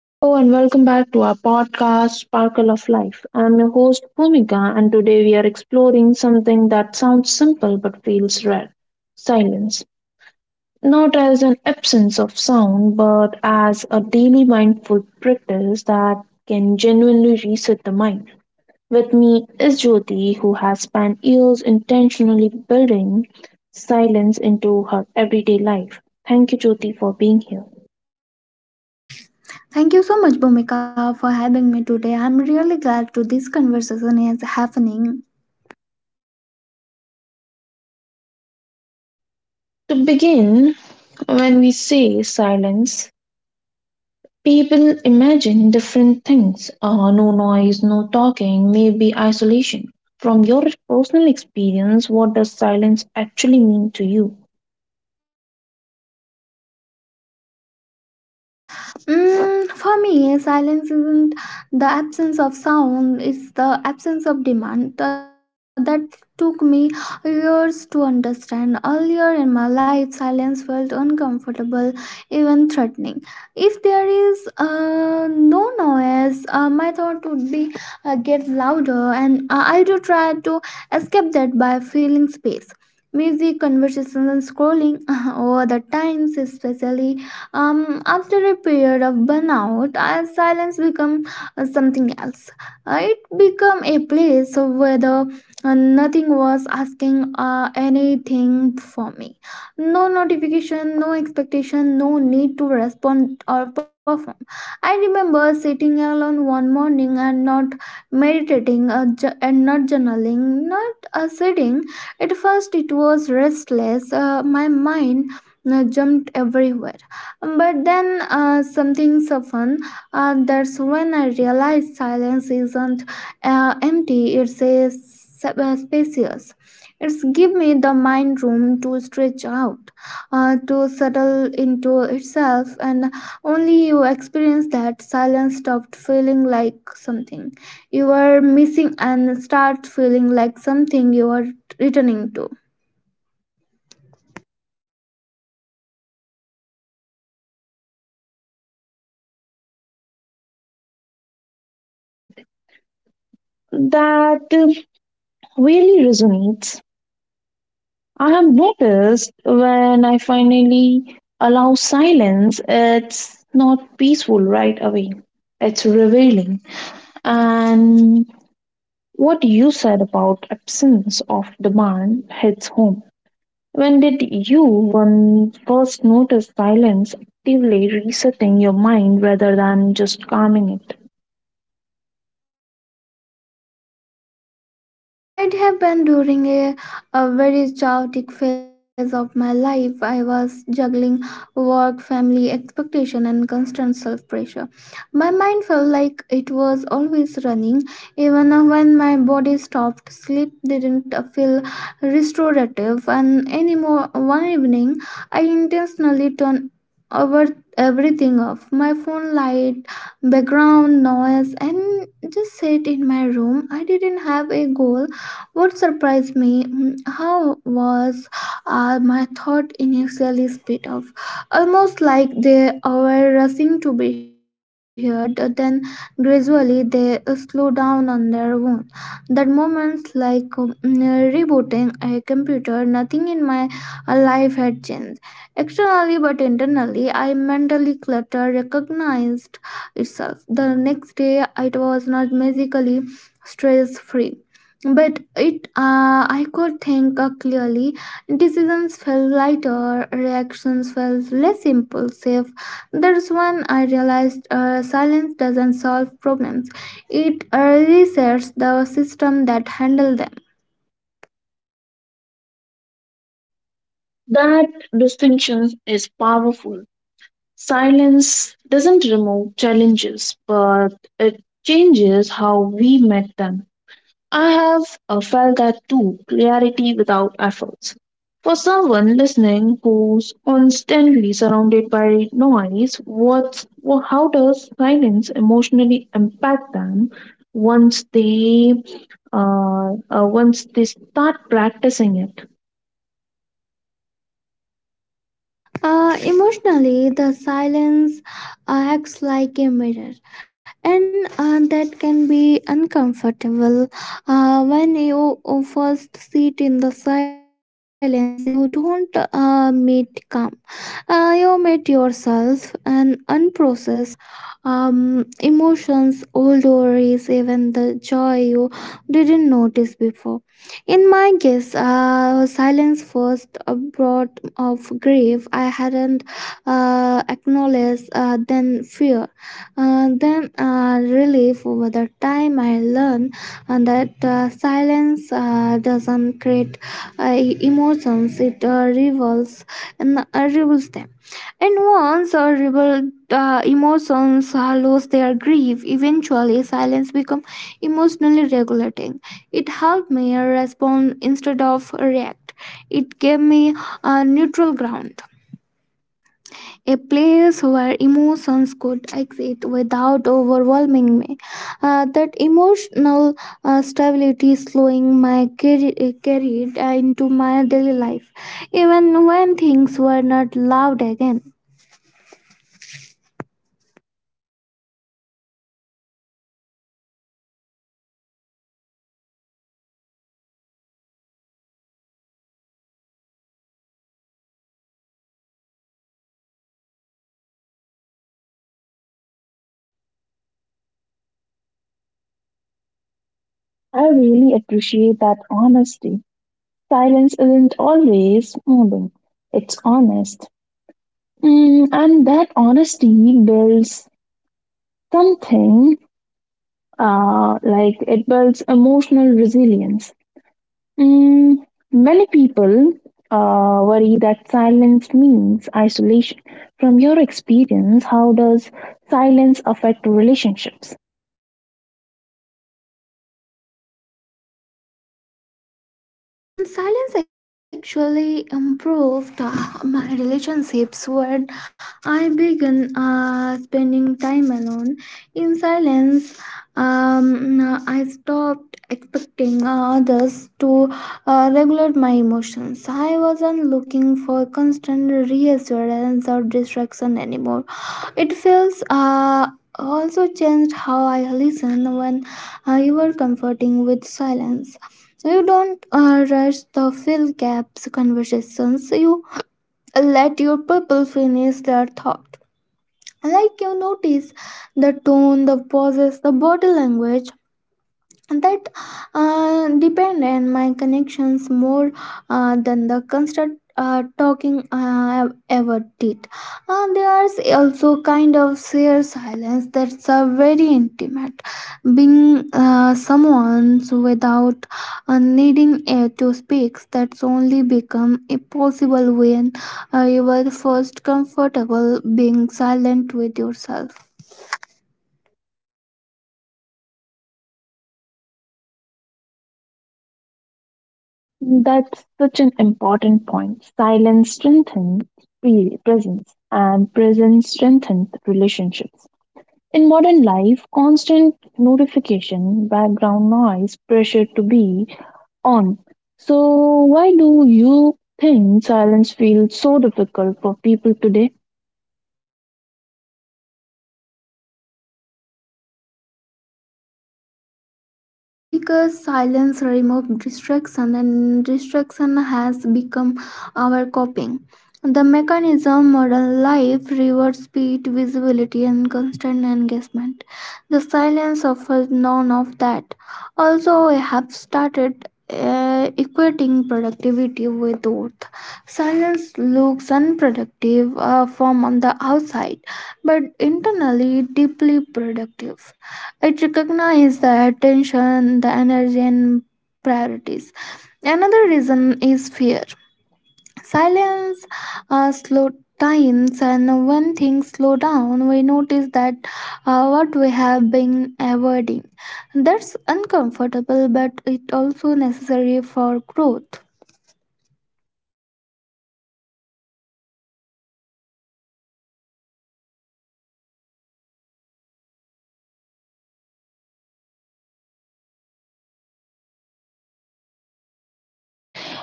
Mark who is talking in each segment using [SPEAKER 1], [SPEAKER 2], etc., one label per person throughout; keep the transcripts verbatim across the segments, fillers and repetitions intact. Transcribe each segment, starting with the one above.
[SPEAKER 1] Hello and welcome back to our podcast, Sparkle of Life. I'm your host, Bhumika, and today we are exploring something that sounds simple but feels rare: silence. Not as an absence of sound, but as a daily mindful practice that can genuinely reset the mind. With me is Jyoti, who has spent years intentionally building silence into her everyday life. Thank you, Jyoti, for being here.
[SPEAKER 2] Thank you so much, Bhumika, for having me today. I'm really glad to this conversation is happening.
[SPEAKER 1] To begin, when we say silence, people imagine different things. Uh, no noise, no talking, maybe isolation. From your personal experience, what does silence actually mean to you?
[SPEAKER 2] Mm, for me, silence isn't the absence of sound, it's the absence of demand. Th- That took me years to understand. Earlier in my life, silence felt uncomfortable, even threatening. If there is uh, no noise, uh, my thought would be uh, get louder, and uh, I do try to escape that by feeling space. Music, conversation, and scrolling over the times, especially um, after a period of burnout, uh, silence become uh, something else. Uh, it become a place where the, uh, nothing was asking uh, anything for me. No notification, no expectation, no need to respond or perform. I remember sitting alone one morning and not meditating, uh, ju- and not journaling, not uh, sitting. At first, it was restless. Uh, my mind uh, jumped everywhere, but then uh, something softened. Uh, that's when I realized silence isn't uh, empty, it's a s- uh, spacious. It's give me the mind room to stretch out, uh, to settle into itself, and only you experience that silence stopped feeling like something you are missing and start feeling like something you are returning to.
[SPEAKER 1] That uh, really resonates. I have noticed when I finally allow silence, it's not peaceful right away. It's revealing. And what you said about absence of demand hits home. When did you one first notice silence actively resetting your mind rather than just calming it?
[SPEAKER 2] Mm, It happened during a, a very chaotic phase of my life. I was juggling work, family expectation, and constant self pressure. My mind felt like it was always running, even when my body stopped. Sleep didn't feel restorative, and anymore. One evening, I intentionally turned over everything off my phone light background noise and just sat in my room. I didn't have a goal. What surprised me, mm, how was uh, my thought initially split off, almost like they were rushing to be heard. Then gradually they uh, slow down on their own. That moments like mm, rebooting a computer. Nothing in my uh, life had changed externally, but internally I mentally cluttered, recognized itself. The next day, it was not magically stress free. But it, uh, I could think uh, clearly. Decisions felt lighter, reactions felt less impulsive. That's when I realized uh, silence doesn't solve problems; it uh, resets the system that handles them.
[SPEAKER 1] That distinction is powerful. Silence doesn't remove challenges, but it changes how we met them. I have uh, felt that too, clarity without efforts. For someone listening who's constantly surrounded by noise, what's, wha- how does silence emotionally impact them once they uh, uh, once they start practicing it?
[SPEAKER 2] Uh, emotionally, the silence uh, acts like a mirror, and uh, that can be uncomfortable. Uh, when you uh, first sit in the silence, you don't uh, meet calm. Uh, you meet yourself and unprocessed um, emotions, old worries, even the joy you didn't notice before. In my case, uh, silence first uh, brought of grief I hadn't uh, acknowledged, uh, then fear, uh, then uh, relief. Over the time, I learned uh, that uh, silence uh, doesn't create uh, emotions; it uh, reveals and uh, reveals them. And once our rebel uh, emotions uh, lose their grief, eventually silence become emotionally regulating. It helped me respond instead of react. It gave me a neutral ground, a place where emotions could exit without overwhelming me. Uh, that emotional uh, stability slowing my carri- uh, carried uh, into my daily life, even when things were not loud again.
[SPEAKER 1] I really appreciate that honesty. Silence isn't always moving, it's honest. Mm, and that honesty builds something uh, like it builds emotional resilience. Mm, many people uh, worry that silence means isolation. From your experience, how does silence affect relationships?
[SPEAKER 2] Mm, silence actually improved uh, my relationships when I began uh, spending time alone. In silence, um, I stopped expecting uh, others to uh, regulate my emotions. I wasn't looking for constant reassurance or distraction anymore. It feels uh, also changed how I listen when uh, you were comforting with silence. You don't uh, rush the fill gaps conversations. You let your people finish their thought. Like you notice the tone, the pauses, the body language, that uh, depend on my connections more uh, than the constant uh, talking I ever did. Uh, there's also kind of sheer silence that's a very intimate. Being uh, someone's without uh, needing uh, to speak, that's only become impossible when uh, you were first comfortable being silent with yourself.
[SPEAKER 1] That's such an important point. Silence strengthens pre- presence, and presence strengthens relationships. In modern life, constant notification, background noise, pressure to be on. So, why do you think silence feels so difficult for people today?
[SPEAKER 2] Um, because silence removes distraction and distraction has become our coping. The mechanism modern life rewards speed, visibility, and constant engagement. The silence offers none of that. Also, I have started uh, equating productivity with worth. Silence looks unproductive uh, from on the outside, but internally deeply productive. It recognizes the attention, the energy, and priorities. Another reason is fear. Silence uh, slow times, and when things slow down, we notice that uh, what we have been avoiding. That's uncomfortable, but it also necessary for growth.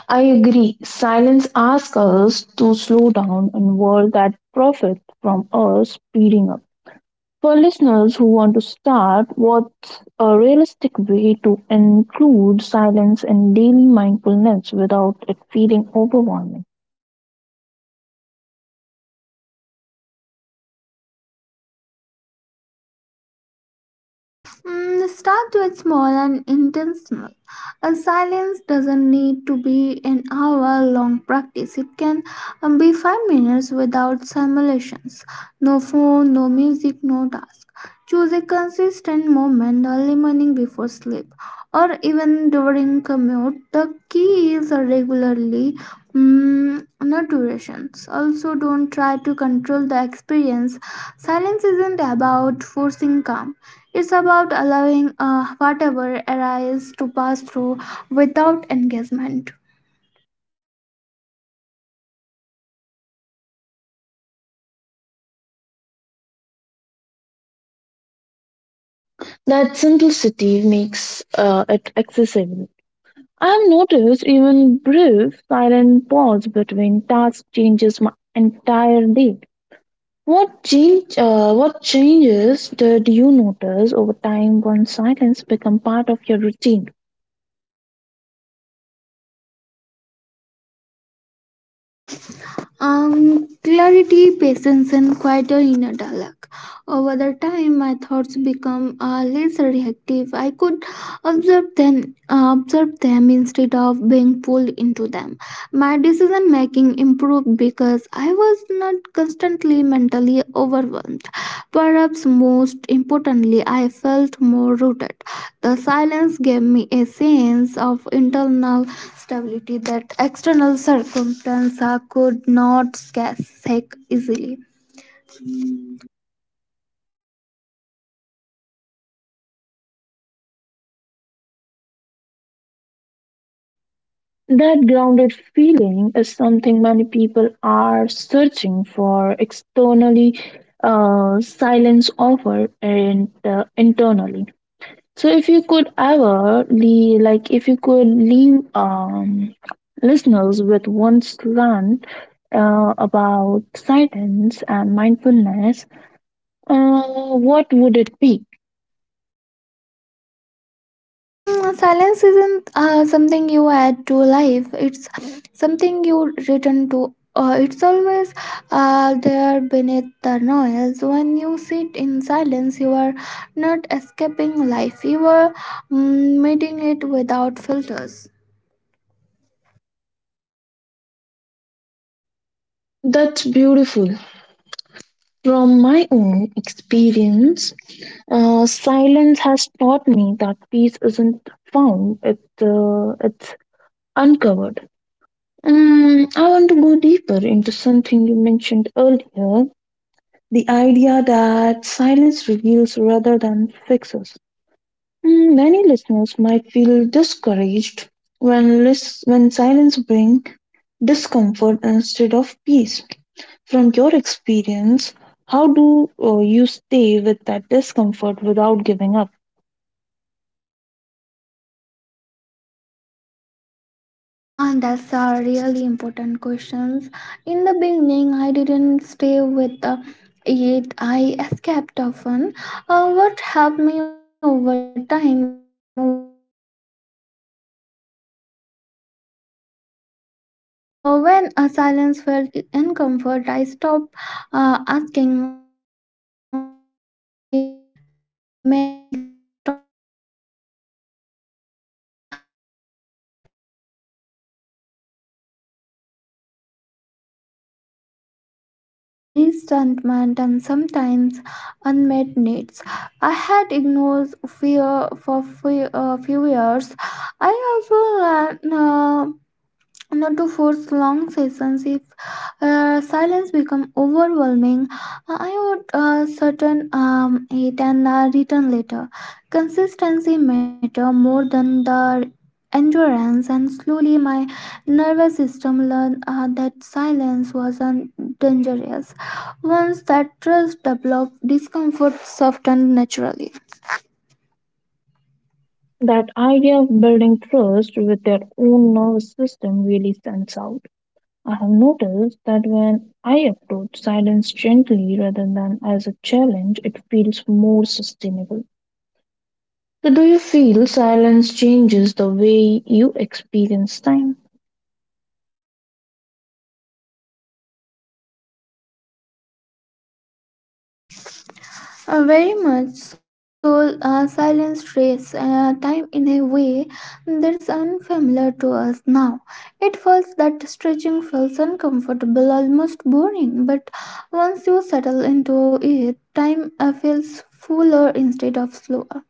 [SPEAKER 1] I agree. Silence asks us to slow down in a world that profits from us speeding up. For listeners who want to start, what's a realistic way to include silence in daily mindfulness without it feeling overwhelming?
[SPEAKER 2] Mm, start with small and intentional. A silence doesn't need to be an hour long practice. It can um, be five minutes without simulations. No phone, no music, no task. Choose a consistent moment early morning before sleep or even during commute. The key is a regularly, mm, not durations. Also, don't try to control the experience. Silence isn't about forcing calm, it's about allowing uh, whatever arises to pass through without engagement.
[SPEAKER 1] That simplicity makes uh, it accessible. I've noticed even brief silent pause between tasks changes my entire day. What change? Uh, what changes did you notice over time when silence become part of your routine?
[SPEAKER 2] Um, clarity, patience, and quieter inner dialogue. Over the time, my thoughts become uh, less reactive. I could observe them, uh, observe them instead of being pulled into them. My decision making improved because I was not constantly mentally overwhelmed. Perhaps most importantly, I felt more rooted. The silence gave me a sense of internal stability that external circumstances could not shake easily.
[SPEAKER 1] That grounded feeling is something many people are searching for externally. Uh, silence offer and uh, internally. So if you could ever le like if you could leave um listeners with one slant uh, about silence and mindfulness, uh, what would it be?
[SPEAKER 2] Mm, silence isn't uh, something you add to life, it's something you return to. Uh, it's always uh, there beneath the noise. When you sit in silence, you are not escaping life, you are mm, meeting it without filters.
[SPEAKER 1] That's beautiful. From my own experience, uh, silence has taught me that peace isn't found; it uh, it's uncovered. Um, I want to go deeper into something you mentioned earlier. The idea that silence reveals rather than fixes. Mm, many listeners might feel discouraged when, lis- when silence brings discomfort instead of peace. From your experience, how do uh, you stay with that discomfort without giving up?
[SPEAKER 2] And that's a really important questions. In the beginning, I didn't stay with uh, it. I escaped often. Uh, what helped me over time was reframing the discomfort as information rather than failure. Uh, when a silence felt i- uncomfort, I stopped uh, asking, "Oh, how do I uh, make this stop?" Mm, and started asking, uh, what is uh, trying so in me? Uh, sometimes it was uh, fatigue, sometimes the resentment, and sometimes unmet needs. I had ignored fear for few, uh, few years. I also learned. Uh, Not to force long sessions. If uh, silence become overwhelming, uh, I would uh, certain um, it and uh, return later. Consistency matter more than the endurance, and slowly my nervous system learned uh, that silence wasn't dangerous. Once that trust developed, discomfort softened naturally.
[SPEAKER 1] That idea of building trust with their own nervous system really stands out. I have noticed that when I approach silence gently rather than as a challenge, it feels more sustainable. So, do you feel silence changes the way you experience time?
[SPEAKER 2] Uh, very much so. Uh, silence trace uh, time in a way that's unfamiliar to us now. It feels that stretching feels uncomfortable, almost boring. But once you settle into it, time uh, feels fuller instead of slower.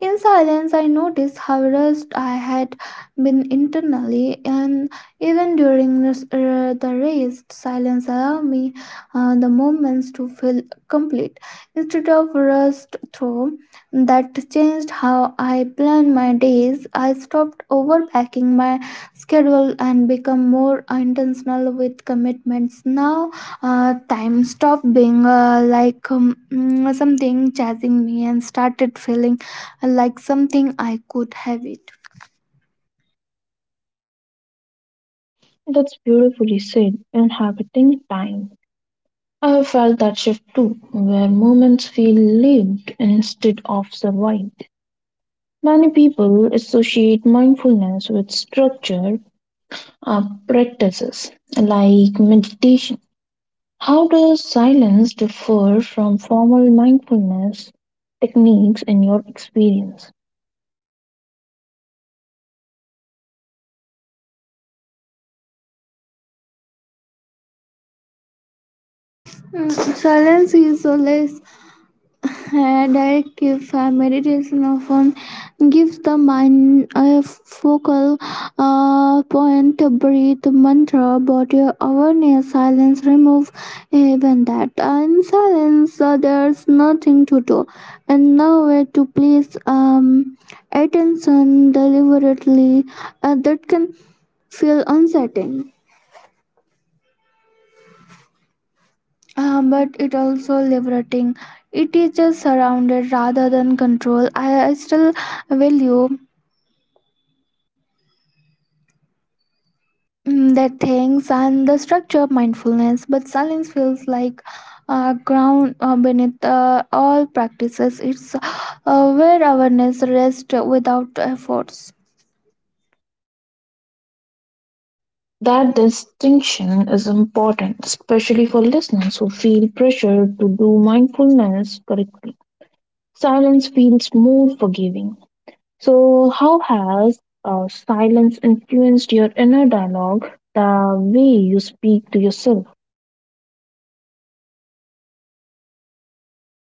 [SPEAKER 2] In silence, I noticed how rushed I had been internally, and even during this, uh, the race, silence allowed me uh, the moments to feel complete instead of rushed through. That changed how I planned my days. I stopped overpacking my schedule and become more intentional with commitments. Now, uh, time stopped being uh, like um, mm, something chasing me and started feeling like something I could have it.
[SPEAKER 1] That's beautifully said, inhabiting time. I have felt that shift too, where moments feel lived instead of survived. Many people associate mindfulness with structure uh, practices like meditation. How does silence differ from formal mindfulness techniques in your experience?
[SPEAKER 2] Mm, Silence is a less uh, direct gift. Uh, Meditation often gives the mind a focal uh, point. Breathe mantra, body awareness, silence remove even that. In silence, uh, there's nothing to do and nowhere to place um, attention deliberately. Uh, that can feel uncertain. Um, but it also liberating. It teaches surrounded rather than control. I, I still value mm, that things and the structure of mindfulness, but silence feels like uh, ground uh, beneath uh, all practices. It's uh, where awareness rests without efforts.
[SPEAKER 1] That distinction is important, especially for listeners who feel pressure to do mindfulness correctly. Silence feels more forgiving. So, how has uh, silence influenced your inner dialogue, the way you speak to yourself?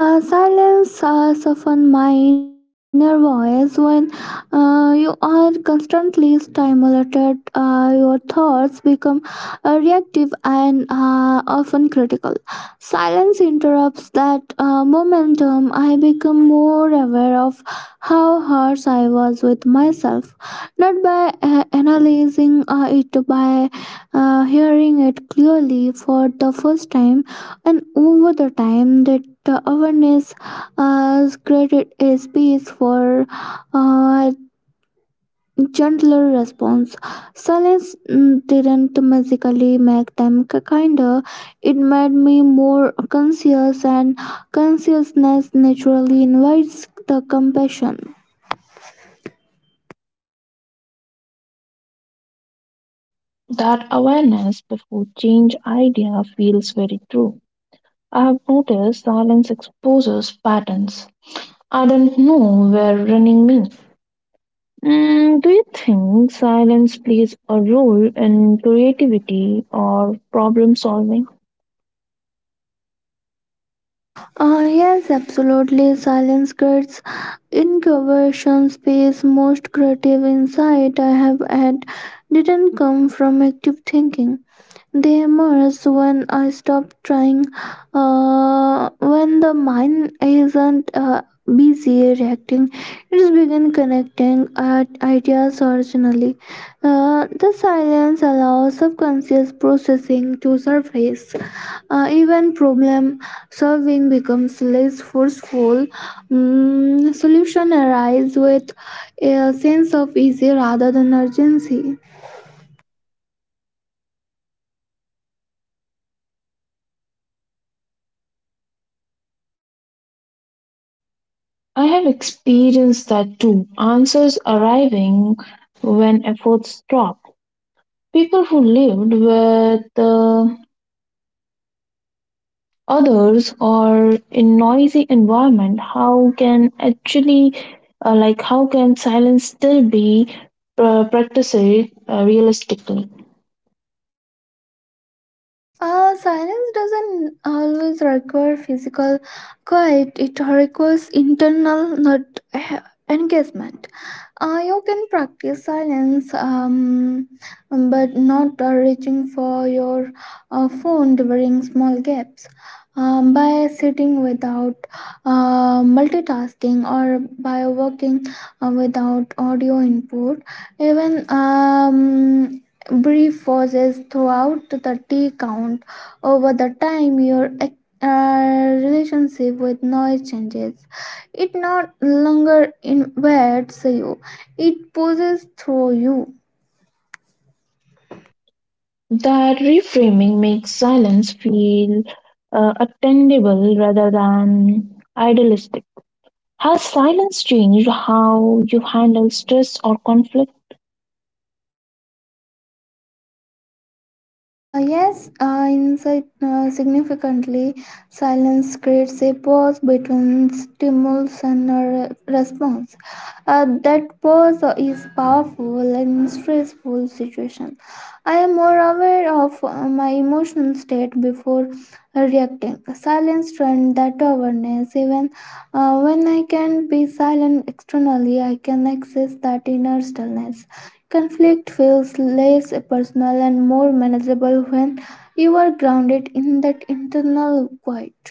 [SPEAKER 2] Uh, silence uh, softens my inner voice when uh, you are constantly stimulated. Uh, your thoughts become uh, reactive and uh, often critical. Silence interrupts that uh, momentum. I become more aware of how harsh I was with myself, not by uh, analyzing uh, it, by uh, hearing it clearly for the first time, and over the time that the awareness has created a space for uh, gentler response. Silence mm, didn't magically make them k- kinder. It made me more conscious, and consciousness naturally invites the compassion.
[SPEAKER 1] That awareness before change idea feels very true. I've noticed silence exposes patterns. I don't know where running me. Mm, do you think silence plays a role in creativity or problem solving?
[SPEAKER 2] Uh, yes, absolutely. Silence creates incubation space. Most creative insight I have had didn't come from active thinking. They emerge when I stop trying, uh, when the mind isn't uh, busy reacting, it begins connecting at ideas originally. Uh, the silence allows subconscious processing to surface. Uh, even problem solving becomes less forceful. Mm, solution arise with a sense of easy rather than urgency.
[SPEAKER 1] I have experienced that too. Answers arriving when efforts stop. People who lived with the others are in noisy environment, how can actually uh, like how can silence still be uh, practiced uh, realistically?
[SPEAKER 2] Uh, silence doesn't always require physical quiet, it requires internal not eh, engagement. Uh, you can practice silence, um, but not uh, reaching for your uh, phone during small gaps. Um, by sitting without uh, multitasking or by working uh, without audio input, even um, brief pauses throughout the tea count. Over the time your ac- uh, relationship with noise changes. It no longer invades you, it pulls through you.
[SPEAKER 1] That reframing makes silence feel uh, attainable rather than idealistic. Has silence changed how you handle stress or conflict?
[SPEAKER 2] Uh, yes, uh, insight uh, significantly. Silence creates a pause between stimulus and a re- response. Uh, that pause is powerful in stressful situations. I am more aware of uh, my emotional state before uh, reacting. Silence trains that awareness. Even uh, when I can be silent externally, I can access that inner stillness. Conflict feels less personal and more manageable when you are grounded in that internal quiet.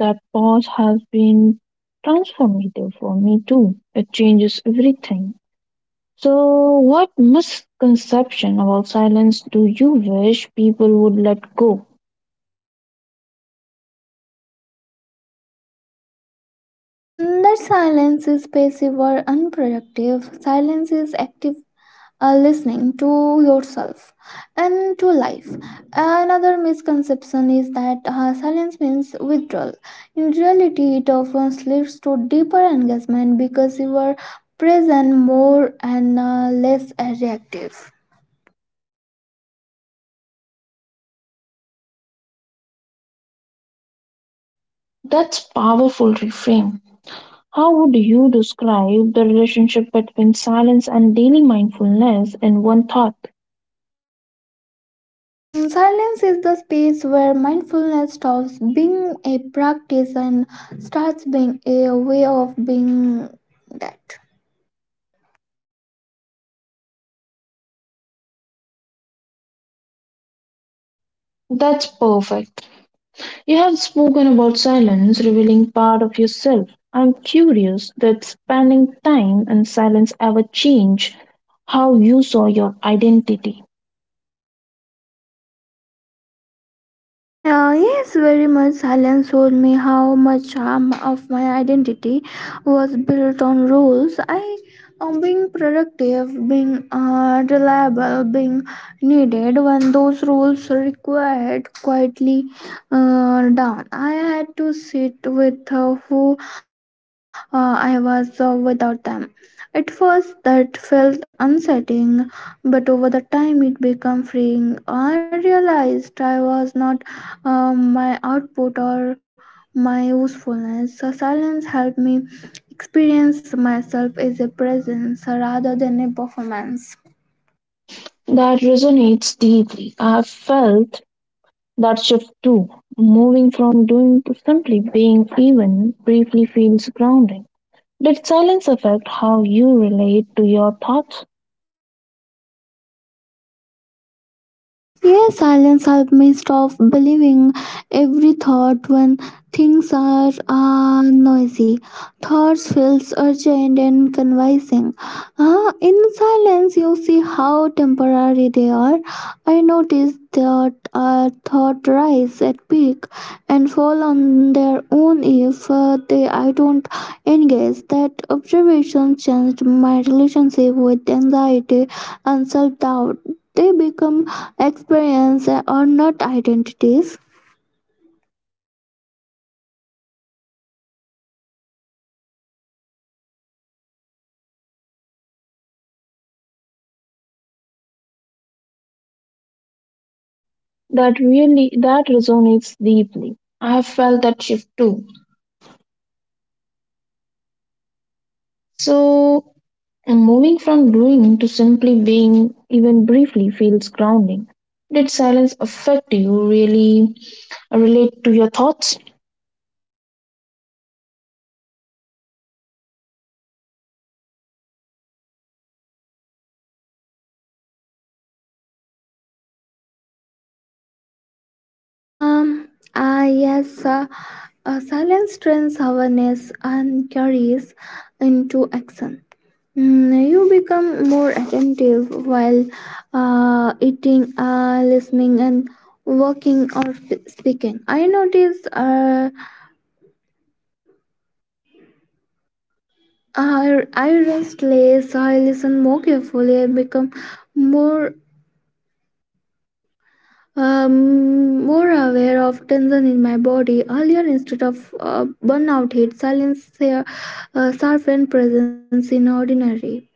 [SPEAKER 1] That pause has been transformative for me too, it changes everything. So, what misconception about silence do you wish people would let go?
[SPEAKER 2] That silence is passive or unproductive. Silence is active uh, listening to yourself and to life. Another misconception is that uh, silence means withdrawal. In reality, it often leads to deeper engagement because you are present more and uh, less reactive.
[SPEAKER 1] That's powerful reframe. How would you describe the relationship between silence and daily mindfulness in one thought?
[SPEAKER 2] Mm, Silence is the space where mindfulness stops being a practice and starts being a way of being that.
[SPEAKER 1] That's perfect. You have spoken about silence revealing part of yourself. I'm curious that spending time in silence ever change how you saw your identity.
[SPEAKER 2] Uh, yes, very much. Silence showed me how much harm of my identity was built on rules. I, um, being productive, being uh, reliable, being needed when those rules required quietly uh, down. I had to sit with uh, who uh, I was uh, without them. At first, that felt unsettling, but over the time, it became freeing. I realized I was not um, my output or my usefulness. So silence helped me experience myself as a presence rather than a performance.
[SPEAKER 1] That resonates deeply. I've felt that shift too, moving from doing to simply being even briefly feels grounding. Did silence affect how you relate to your thoughts?
[SPEAKER 2] Yes, silence helps me stop believing every thought when things are uh, noisy. Thoughts feels urgent and convincing. Uh, in silence, you see how temporary they are. I noticed that uh, thought rise at peak and fall on their own if uh, they I don't engage. That observation changed my relationship with anxiety and self doubt. They become experience or not identities.
[SPEAKER 1] That really that resonates deeply. I have felt that shift too. So moving from doing to simply being even briefly feels grounding. Did silence affect you really relate to your thoughts?
[SPEAKER 2] Um, ah, yes, uh, uh, silence turns awareness and carries into action. Mm, you become more attentive while uh, eating, uh, listening, and walking or sp- speaking. I notice uh, I, I rest less, I listen more carefully, I become more Um, more aware of tension in my body earlier instead of uh, burnout hit. Silence here uh, sharpened presence in ordinary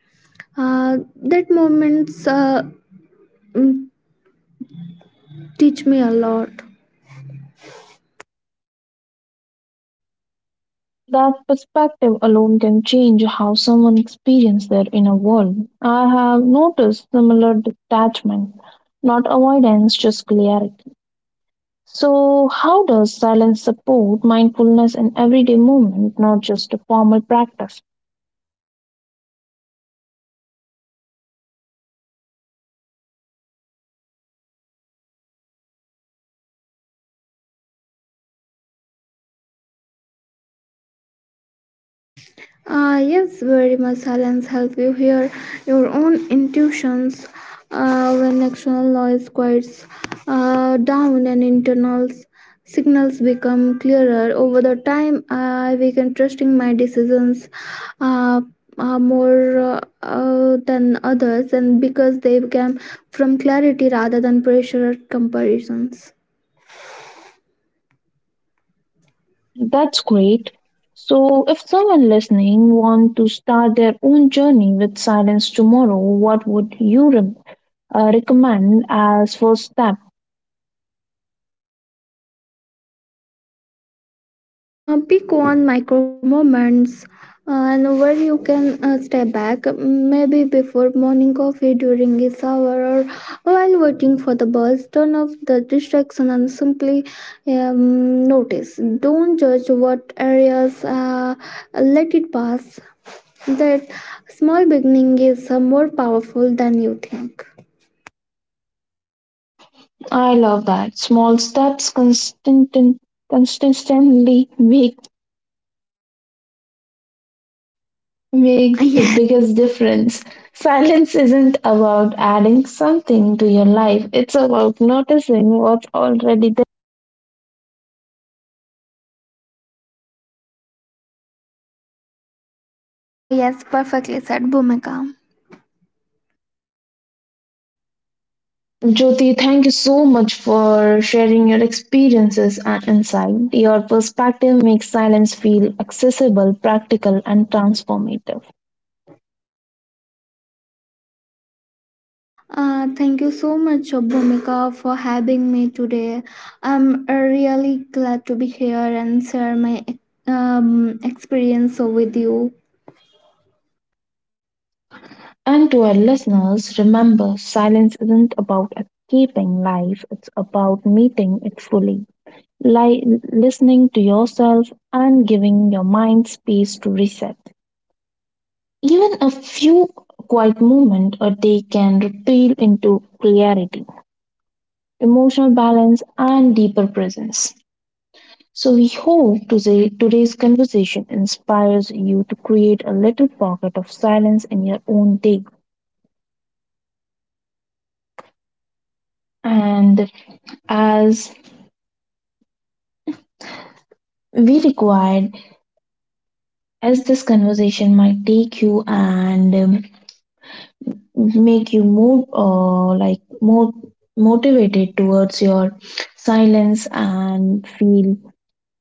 [SPEAKER 2] uh, that moments uh, mm, teach me a lot.
[SPEAKER 1] That perspective alone can change how someone experiences their inner world. I have noticed similar detachment, not avoidance, just clarity. So, how does silence support mindfulness in everyday movement, not just a formal practice?
[SPEAKER 2] Uh, yes, very much silence help you hear your own intuitions uh, when external noise quiets uh, down and internal signals become clearer. Over the time, I began trusting my decisions uh, uh, more uh, uh, than others, and because they came from clarity rather than pressure or comparisons.
[SPEAKER 1] That's great. So, if someone listening want to start their own journey with silence tomorrow, what would you re- uh, recommend as first step?
[SPEAKER 2] Uh, pick one micro moments uh, and where you can uh, step back, maybe before morning coffee, during its shower, or while waiting for the bus. Turn off the distraction and simply um, notice. Don't judge what areas, uh, let it pass. That small beginning is uh, more powerful than you think.
[SPEAKER 1] I love that. Small steps consistent, consistently make, make the
[SPEAKER 2] Yes.
[SPEAKER 1] biggest difference. Silence isn't about adding something to your life, it's about noticing what's already there.
[SPEAKER 2] Yeah, yes, perfectly said, Bhumika.
[SPEAKER 1] Jyoti, thank you so much for sharing your experiences and insight. Your perspective makes silence feel accessible, practical, and transformative.
[SPEAKER 2] Uh, thank you so much, Bhumika, for having me today. I'm uh, really glad to be here and share my um, experience with you.
[SPEAKER 1] And to our listeners, remember silence isn't about escaping life, it's about meeting it fully, li- listening to yourself, and giving your mind space to reset. Even a few quiet moments a day can retail into clarity, emotional balance, and deeper presence. So, we hope today, today's conversation inspires you to create a little pocket of silence in your own day. And as we required as this conversation might take you and um, make you more uh, like more motivated towards your silence and feel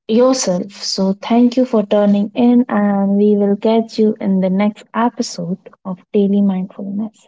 [SPEAKER 1] yourself, so thank you for turning in and we will catch you in the next episode of daily mindfulness.